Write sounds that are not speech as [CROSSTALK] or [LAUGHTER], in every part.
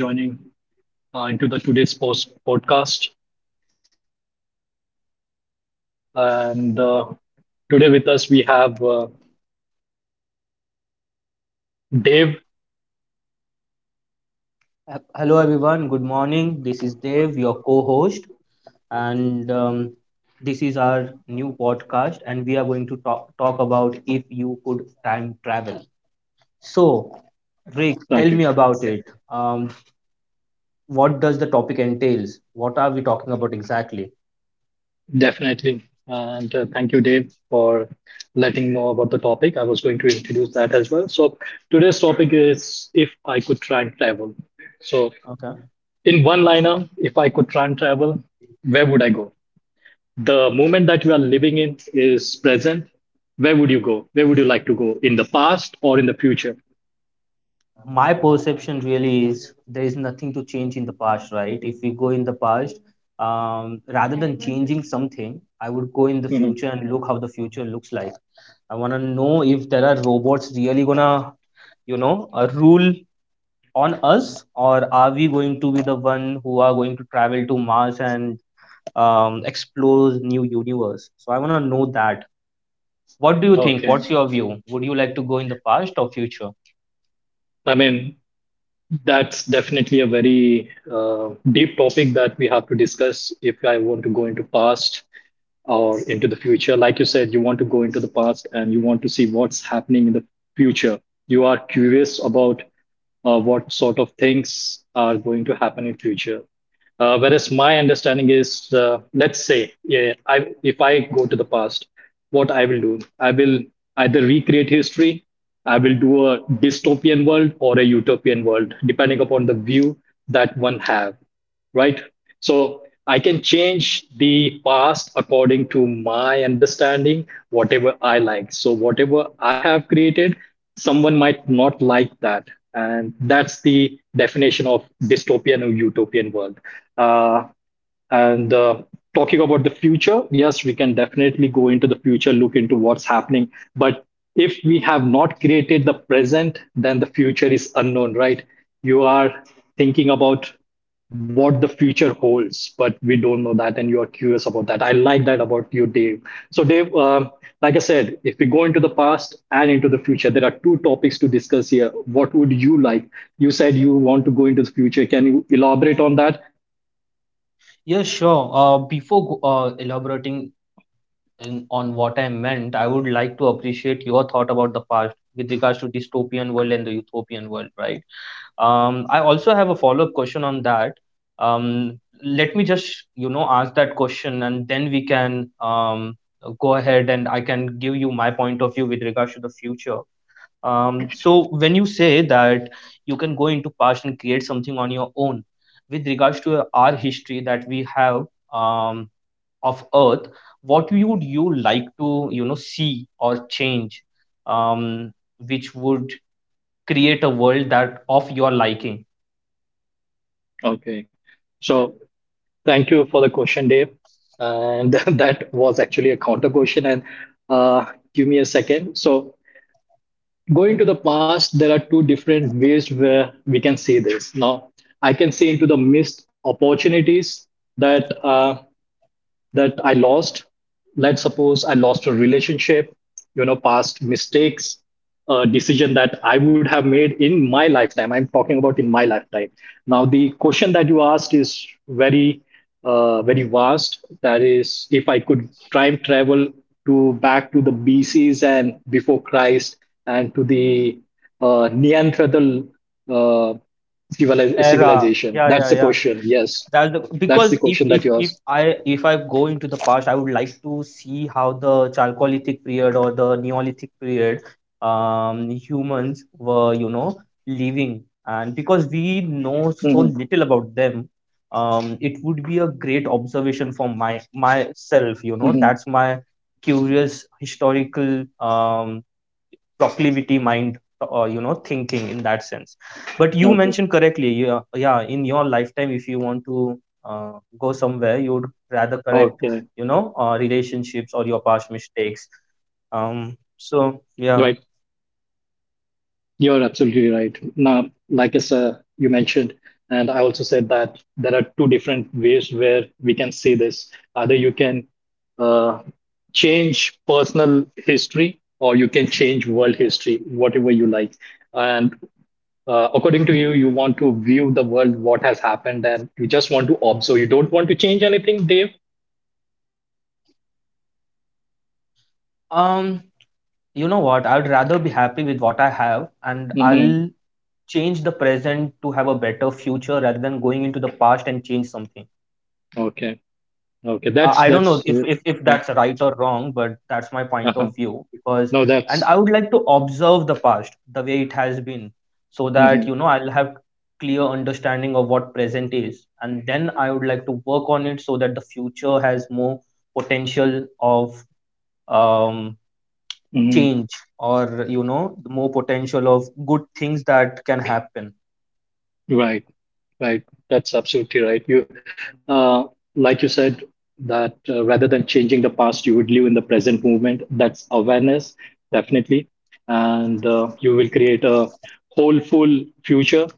My name is Rick, and thank you for joining into the today's post podcast. And today with us we have Dave. And Dave, please introduce yourself. Hello, everyone. Good morning. This is Dev, your co host, and this is our new podcast. And we are going to talk about if you could time travel. So, Rick, tell Thank me you. about it. What does the topic entails? What are we talking about exactly? Definitely, and thank you, Dave, for letting know about the topic. I was going to introduce that as well. So today's topic is if I could try and travel. So Okay. in one liner, if I could try and travel, where would I go? The moment that you are living in is present, where would you go? Where would you like to go in the past or in the future? My perception really is there is nothing to change in the past, right? If we go in the past, rather than changing something, I would go in the Hmm. future and look how the future looks like. I want to know if there are robots really gonna rule on us, or are we going to be the one who are going to travel to Mars and explore new universe? So I want to know that. What do you think? Okay. What's your view? Would you like to go in the past or future? I mean, that's definitely a very deep topic that we have to discuss if I want to go into past or into the future. Like you said, you want to go into the past and you want to see what's happening in the future. You are curious about what sort of things are going to happen in future. Whereas my understanding is, let's say, yeah, I if I go to the past, what I will do, I will either recreate history, I will do a dystopian world or a utopian world, depending upon the view that one have, right? So I can change the past according to my understanding, whatever I like. So whatever I have created, someone might not like that. And that's the definition of dystopian or utopian world. Uh, and talking about the future, yes, we can definitely go into the future, look into what's happening. But if we have not created the present, then the future is unknown, right? You are thinking about what the future holds, but we don't know that, and you are curious about that. I like that about you, Dave. So, Dave, like I said, if we go into the past and into the future, there are two topics to discuss here. What would you like? You said you want to go into the future. Can you elaborate on that? Yeah, sure. Before elaborating on what I meant, I would like to appreciate your thought about the past with regards to dystopian world and the utopian world, right? I also have a follow-up question on that. Let me just, you know, ask that question and then we can go ahead and I can give you my point of view with regards to the future. So when you say that you can go into past and create something on your own, with regards to our history that we have um, of Earth, what would you like to, you know, see or change, um, which would create a world that of your liking? Okay. So, thank you for the question, Dave. And [LAUGHS] that was actually a counter question. And uh, give me a second. So, going to the past there are two different ways where we can see this now. I can see into the missed opportunities that uh, that I lost. Let's suppose I lost a relationship, past mistakes, a decision that I would have made in my lifetime. I'm talking about in my lifetime. Now, the Mhm. question that you asked is very, very vast. That is, if I could time travel to back to the BCs and before Christ and to the Neanderthal uh, civili- Era, civilization. yeah, That's yeah, the yeah, question. Yes, that's the because if question that if you if asked. i if i go into the past, I would like to see how the chalcolithic period or the neolithic period, humans were, you know, living, and Mhm. because we know so little about them, it would Hmm. be a great observation for my myself, you know. That's my curious historical um proclivity mind, Okay. You know, thinking in that sense. But you mentioned Okay. correctly, yeah, yeah, in your lifetime if you want to uh, go somewhere, you would Hmm. rather correct, you know, relationships or your past mistakes. Right. Yeah. You're absolutely right. Now, like I said, you mentioned, and I also said that there are two different ways where we can see this. Either you can uh, change personal history or you can change world history, whatever you like. And according to you, you want to view the world, what has happened, and you just want to observe. You don't want to change anything, Dave? um you know what? I'd rather be happy with what I have, and I'll Hmm. change the present to have a better future rather than going into the past and change something. Okay. Okay. I That's, don't know that's, if, it. if if that's right or wrong, but that's my point Yeah. of view, [LAUGHS] because No, and I that's. would like to observe the past the way it has been so that, Mhm, you know, I'll have clear understanding of what present is, and then I would like to work on it so that the future has more potential of um, mhm, change, or you know, more potential of good things that can happen. right, right. That's absolutely right. You, uh, like you said, that rather than changing the past, you would live in the present moment. That's awareness, definitely, and you will create a wholeful future.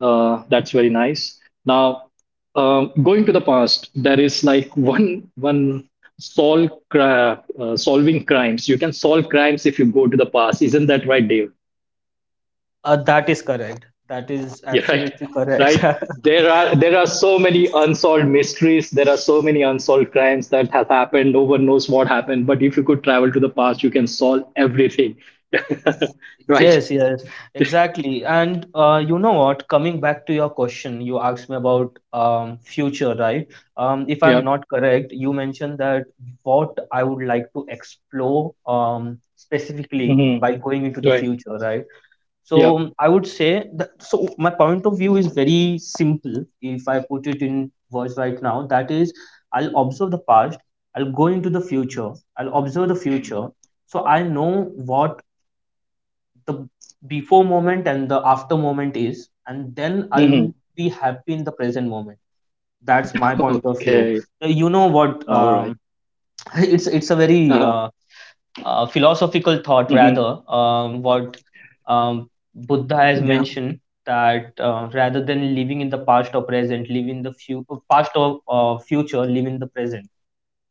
That's very nice. Now, going to the past, there is like [LAUGHS] one solving crimes. You can solve crimes if you go to the past. Isn't that right, Dave? That is correct. That is [LAUGHS] Yeah, right. absolutely correct. Right. [LAUGHS] There are so many unsolved mysteries. There are so many unsolved crimes that have happened. No one knows what happened. But if you could travel to the past, you can solve everything. [LAUGHS] Right. Yes, yes, exactly. And you know what? Coming back to your question, you asked me about future, right? If I'm Yeah. not correct, you mentioned that what I would like to explore, specifically Hmm. by going into the Right. future, right? So Yeah. I would say that, so my point of view is very simple. If I put it in words right now, that is, I'll observe the past, I'll go into the future, I'll observe the future, so I know what the before moment and the after moment is, and then I'll be Hmm. happy in the present moment. That's my point of Okay. view. You know All what, right. [LAUGHS] It's a very Uh-huh. Philosophical Hmm. thought rather. What um, Buddha has Yeah. mentioned, that rather than living in the past or present, live in the past or future, live in the present.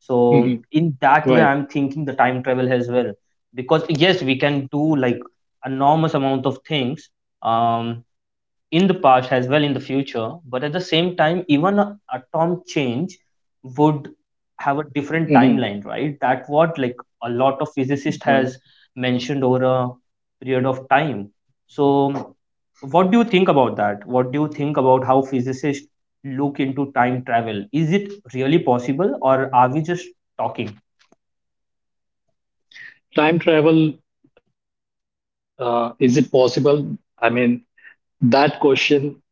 Hmm. in that Right. way, I'm thinking the time travel as well, because yes, we can do like enormous amount of things. Um, in the past as well in the future, but at the same time, even a atom change would have a Hmm. different timeline, right? That what, like a lot of Right. physicists has mentioned over a period of time. So what do you think about that? What do you think about how physicists look into time travel? Is it really possible, or are we just talking? Time travel. Is it possible? I mean, that question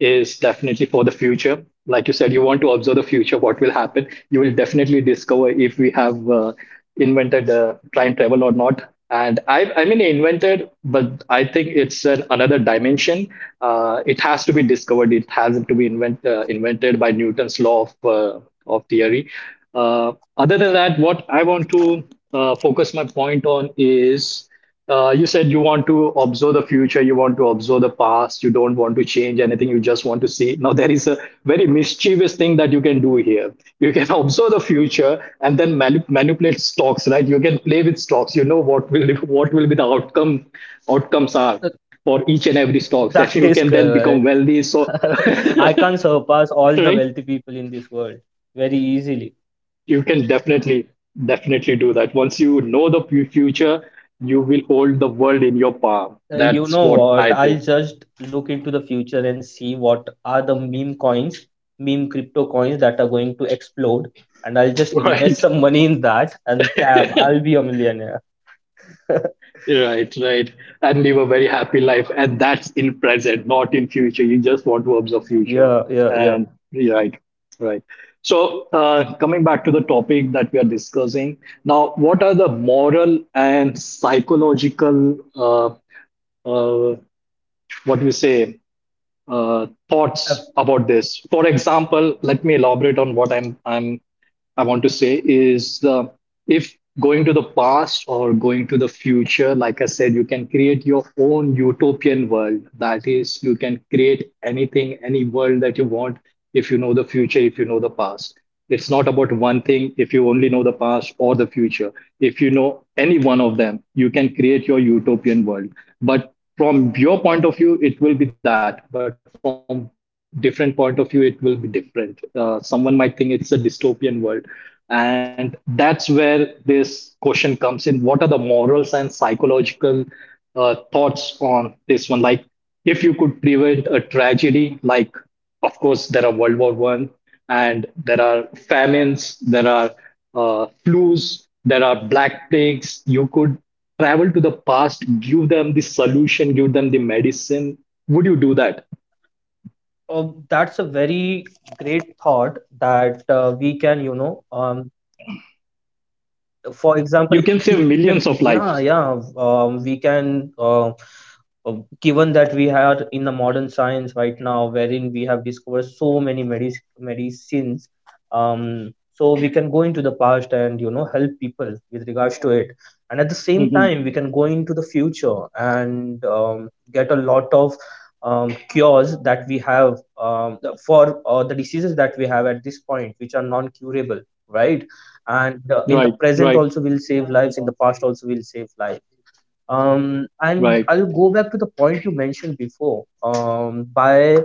is definitely for the future. Like you said, you want to observe the future, what will happen. You will definitely discover if we have invented time travel or not. And I mean, invented, but I think it's another dimension. It has to be discovered. It has to be invented by Newton's law of, theory. Other than that, what I want to focus my point on is you said you want to observe the future, you want to observe the past, you don't want to change anything, you just want to see. Now, there is a very mischievous thing that you can do here. You can [LAUGHS] observe the future and then manipulate stocks, right? You can play with stocks. You know what will [LAUGHS] what will be the outcomes are [LAUGHS] for each and every stocks, [LAUGHS] and you That is can then become correct. wealthy. So, [LAUGHS] [LAUGHS] I can surpass all the right? wealthy people in this world very easily. You can definitely do that once you know the future. You will hold the world in your palm. You That's know what what? I I'll think. just look into the future and see what are the meme coins, meme crypto coins that are going to explode, and I'll just [LAUGHS] invest Right. some money in that, and damn, I'll [LAUGHS] be a millionaire. [LAUGHS] Right, right. And live a very happy life, and that's in present, not in future. You just want to observe future. Yeah, yeah, yeah. And right, right. So, coming back to the topic that we are discussing now, what are the moral and psychological uh, what we say Uh, thoughts about this. For example, let me elaborate on what I want to say is if going to the past or going to the future, like I said, you can create your own utopian world. That is, you can create anything, any world that you want if you know the future, if you know the past. It's not about one thing if you only know the past or the future. If you know any one of them, you can create your utopian world. But from your point of view it will be that, but from different point of view it will be different. Someone might think it's a dystopian world, and that's where this question comes in. What are the morals and psychological thoughts on this one? Like, if you could prevent a tragedy, like of course there are World War I, and there are famines, there are flus, there are black plagues. You could travel to the past, give them the solution, give them the medicine. Would you do that? That's a very great thought that we can, you know, for example, You if can if save we millions speak, of yeah, lives. yeah. We can uh, Given that we are in the modern science right now, wherein we have discovered so many medicines, um, so we can go into the past and, you know, help people with regards to it, and at the Hmm. same time we can go into the future and get a lot of cures that we have, for the diseases that we have at this point, which are non curable, right? And Right. in the Right. present also will save lives, in the past also will save lives. Right. And I'll go back to the point you mentioned before. By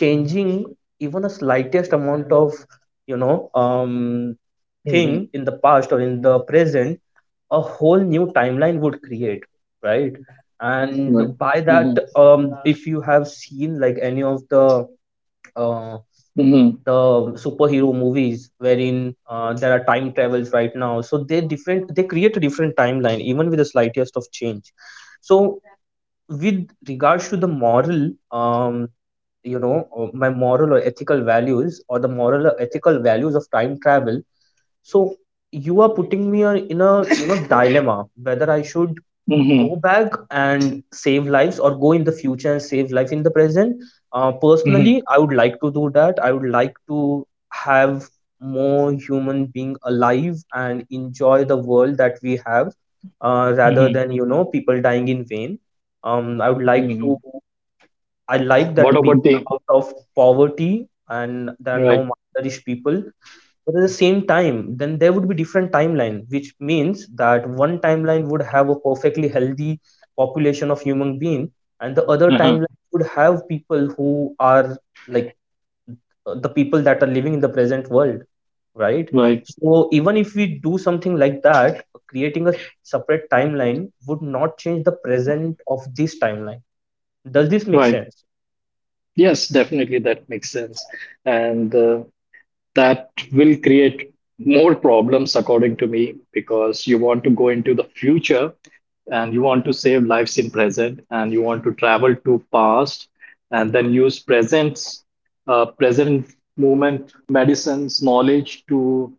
changing even a slightest amount of, you know, Hmm. thing in the past or in the present, a whole new timeline would create, right? Right. And by Hmm. that, if you have seen like any of uh, Hmm. the superhero movies, wherein there are time travels right now, so they different, they create a different timeline even with the slightest of change. So with regards to the moral, you know, my moral or ethical values, or the moral or ethical values of time travel, so you are putting me in a, you know, dilemma whether I should go Hmm. back and save lives or go in the future and save life in the present. Personally, Hmm. I would like to do that. I would like to have more human being alive and enjoy the world that we have, rather Hmm. than, you know, people dying in vain. I would like to. Hmm. I like that What the people about the are out of poverty and there are right. no malnourished people. But at the same time, then there would be different timeline, which means that one timeline would have a perfectly healthy population of human being, and the other Uh-huh. timeline would have people who are like the people that are living in the present world, right? Right. So even if we do something like that, creating a separate timeline would not change the present of this timeline. Does this make Right. sense? Yes, definitely that makes sense. And that will create more problems, according to me, because you want to go into the future and you want to save lives in present, and you want to travel to past, and then use present present movement medicines knowledge to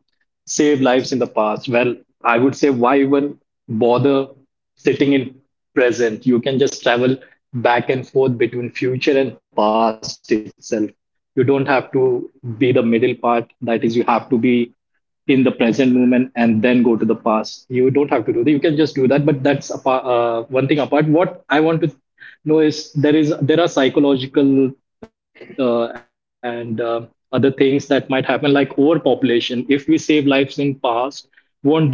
save lives in the past. Well, I would say why even bother sitting in present? You can just travel back and forth between future and past itself. You don't have to be the middle part, that is, you have to be in the present moment and then go to the past. You don't have to do that. You can just do that. But that's apart, one thing apart. What I want to know is there are psychological and other things that might happen, like overpopulation. If we save lives in past,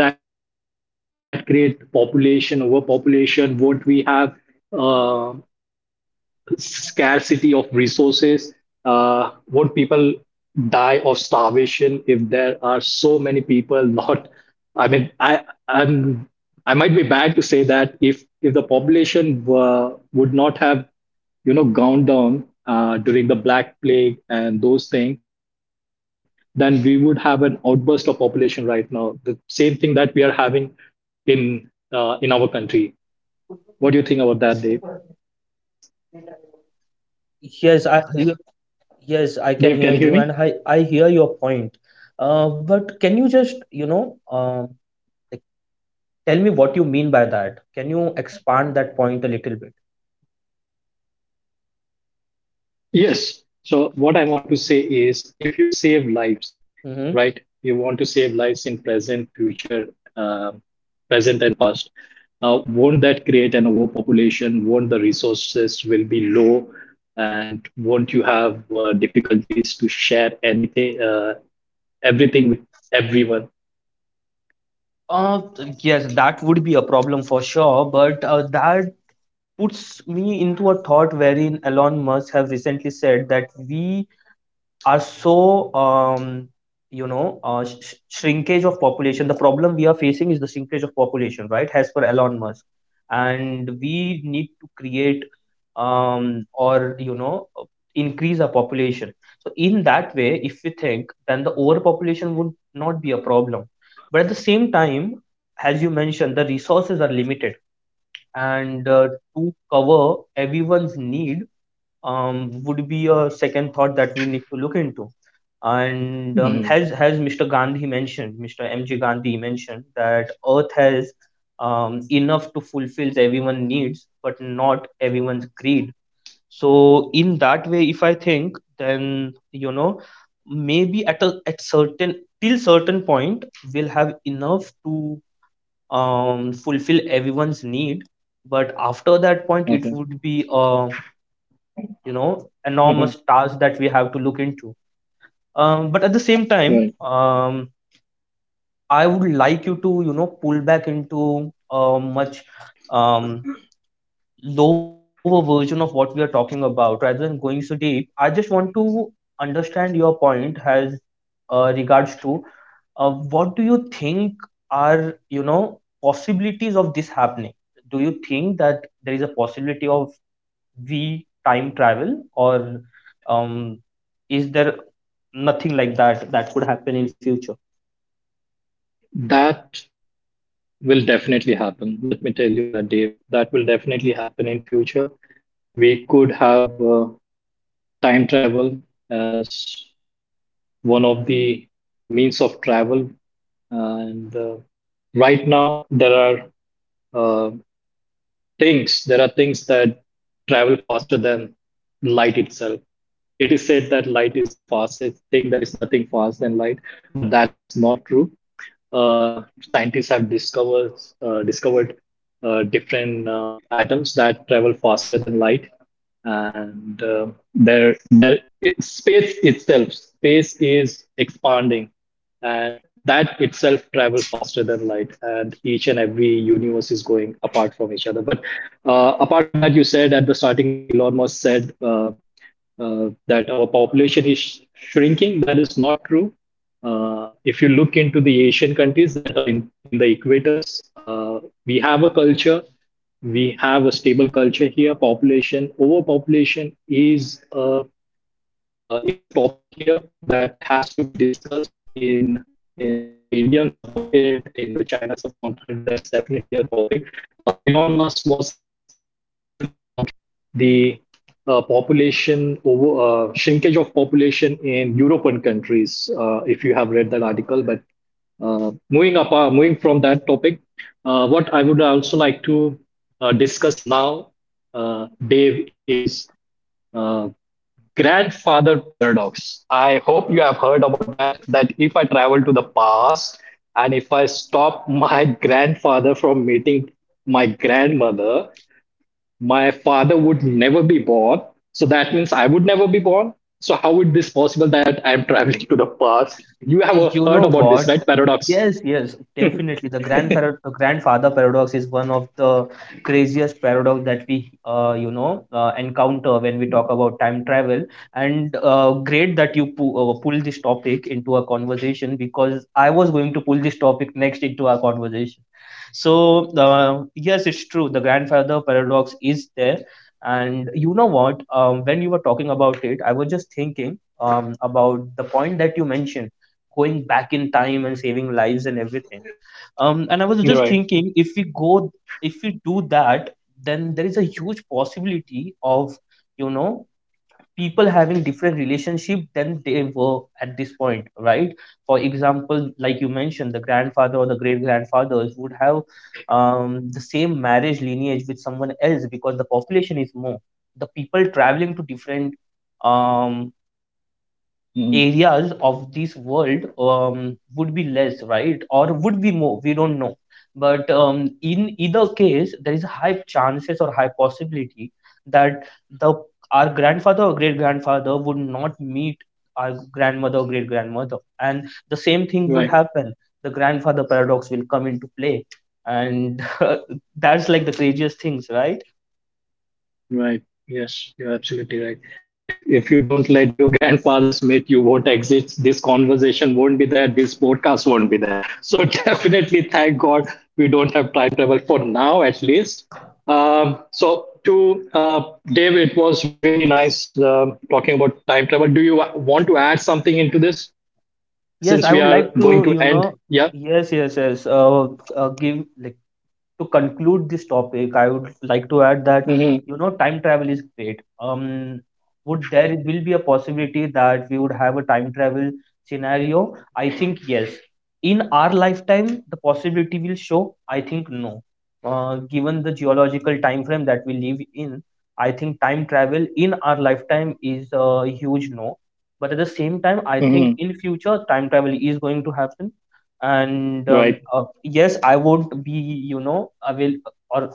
won't that create population overpopulation? Won't we have uh, scarcity of resources? Won't people die of starvation if there are so many people, not, I mean, I, I'm, I might be bad to say that if the population would not have gone down during the black plague and those things, then we would have an outburst of population right now, the same thing that we are having in in our country. What do you think about that, Dave? Yes, I. Dave, can you Yes, hear I me? can hear you, and I hear your point. But can you just, you know, like, tell me what you mean by that? Can you expand that point a little bit? Yes, so what I want to say is, if you save lives, Hmm. right? You want to save lives in present, future, uh, present and past. Now, won't that create an overpopulation? Won't the resources will be low, and won't you have difficulties to share anything, everything with everyone? Uh, yes, that would be a problem for sure, but that puts me into a thought wherein Elon Musk have recently said that we are so, you know, shrinkage of population, the problem we are facing is the shrinkage of population, right, as per Elon Musk. And we need to create, or you know, increase our population. So in that way, if we think, then the overpopulation would not be a problem. But at the same time, as you mentioned, the resources are limited, and to cover everyone's need, would be a second thought that we need to look into. And Mhm. has Mr. Gandhi mentioned, Mr. M.G. Gandhi mentioned, that Earth has enough to fulfill everyone needs, but not everyone's greed. So in that way, if I think, then you know, maybe at a at certain till certain point, we'll have enough to fulfill everyone's need. But after that point, it Okay. would be a, you know, enormous Mhm. task that we have to look into. But at the same time, Right. I would like you to, you know, pull back into a much um, lower version of what we are talking about, rather than going so deep. I just want to understand your point as regards to what do you think are, you know, possibilities of this happening. Do you think that there is a possibility of we time travel, or um, is there nothing like that that could happen in future? That will definitely happen. Let me tell you that, Dave. That will definitely happen in future. We could have time travel as one of the means of travel. And right now, there are uh, things that travel faster than light itself. It is said that light is the fastest thing. There is nothing fast than light, but that is not true. Scientists have discovered different atoms that travel faster than light, and space itself, space is expanding, and that itself travel faster than light, and each and every universe is going apart from each other. But apart from that, you said at the starting that Elon Musk said that our population is shrinking, that is not true. If you look into the Asian countries that are in the equators, we have a stable culture here. Population overpopulation is a topic here that has to be discussed in the Indian subcontinent, in the China subcontinent. That's definitely a topic. Elon Musk was actually talking about the population over shrinkage of population in European countries. If you have read that article, but moving from that topic, what I would also like to discuss now, Dave, is uh, grandfather paradox. I hope you have heard about that. That if I travel to the past and if I stop my [LAUGHS] grandfather from meeting my grandmother, my father would never be born. So that means I would never be born. So how would this possible that I'm traveling [LAUGHS] to the past? You have You heard know about this, what? right? Paradox. Yes, yes, definitely. The grandfather paradox is one of the craziest paradox that we, you know, encounter when we talk about time travel. And great that you pu pull this topic into a conversation, because I was going to pull this topic next into our conversation. So, yes, it's true. The grandfather paradox is there. And you know what? When you were talking about it, I was just thinking about the point that you mentioned going back in time and saving lives and everything. And I was just Right. thinking if we do that, then there is a huge possibility of, you know, people having different relationship than they were at this point, right? For example, like you mentioned, the grandfather or the great grandfathers would have the same marriage lineage with someone else because the population is more. The people traveling to different um Mhm. areas of this world would be less, right, or would be more, we don't know. But in either case, there is a high chances or high possibility that the our grandfather or great grandfather would not meet our grandmother or great grandmother, and the same thing would Right. happen, the grandfather paradox will come into play. And [LAUGHS] that's like the craziest things, right? Right. Yes, you're absolutely right. If you don't let your [LAUGHS] grandfather Smith, you won't exist. This conversation won't be there. This podcast won't be there. So [LAUGHS] definitely, thank God we don't have time travel for now, at least. So to Dave, it was really nice talking about time travel. Do you want to add something into this Yes, since I we would like are to, going to you end? know. Yeah. Yes, yes, yes. Give, like, to conclude this topic, I would like to add that, Hmm. you know, time travel is great. Would there will be a possibility that we would have a time travel scenario? I think yes. In our lifetime, the possibility will show? I think no. Given the geological time frame that we live in, I think time travel in our lifetime is a huge no. But at the same time, I think Hmm. in future time travel is going to happen. And Right. Yes, I won't be, you know, I will or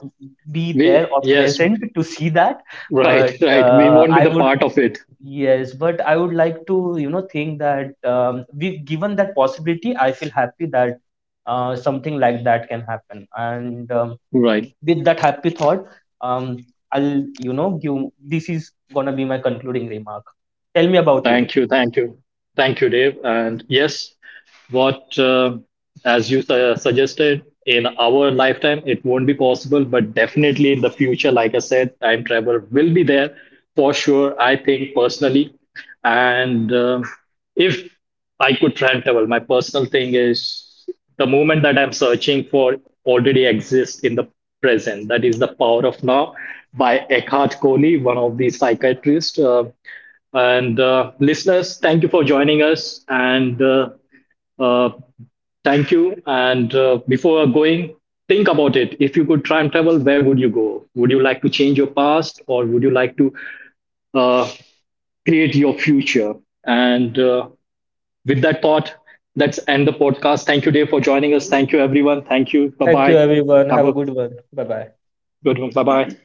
be there We or yes. Right. [LAUGHS] present to see that. Right. But We won't be I the would part of it. Yes, but I would like to, you know, think that, we given that possibility, I feel happy that something like that can happen. And Right. with that happy thought, um, I'll, you know, give, this is gonna be my concluding remark. Tell me about you. Thank you, thank you, thank you, Dave. And yes, what as you suggested, in our lifetime, it won't be possible, but definitely in the future, like I said, time travel will be there for sure. I think personally, and if I could time travel, my personal thing is the moment that I'm searching for already exists in the present. That is the Power of Now by Eckhart Tolle, one of the psychiatrists. And listeners, thank you for joining us. And uh, Thank you. And before going, think about it. If you could time travel, where would you go? Would you like to change your past, or would you like to uh, create your future? And with that thought, let's end the podcast. Thank you, Dave, for joining us. Thank you, everyone. Thank you. Bye Thank you, bye. everyone. Have Have a a good one. Bye bye. good one. Bye bye.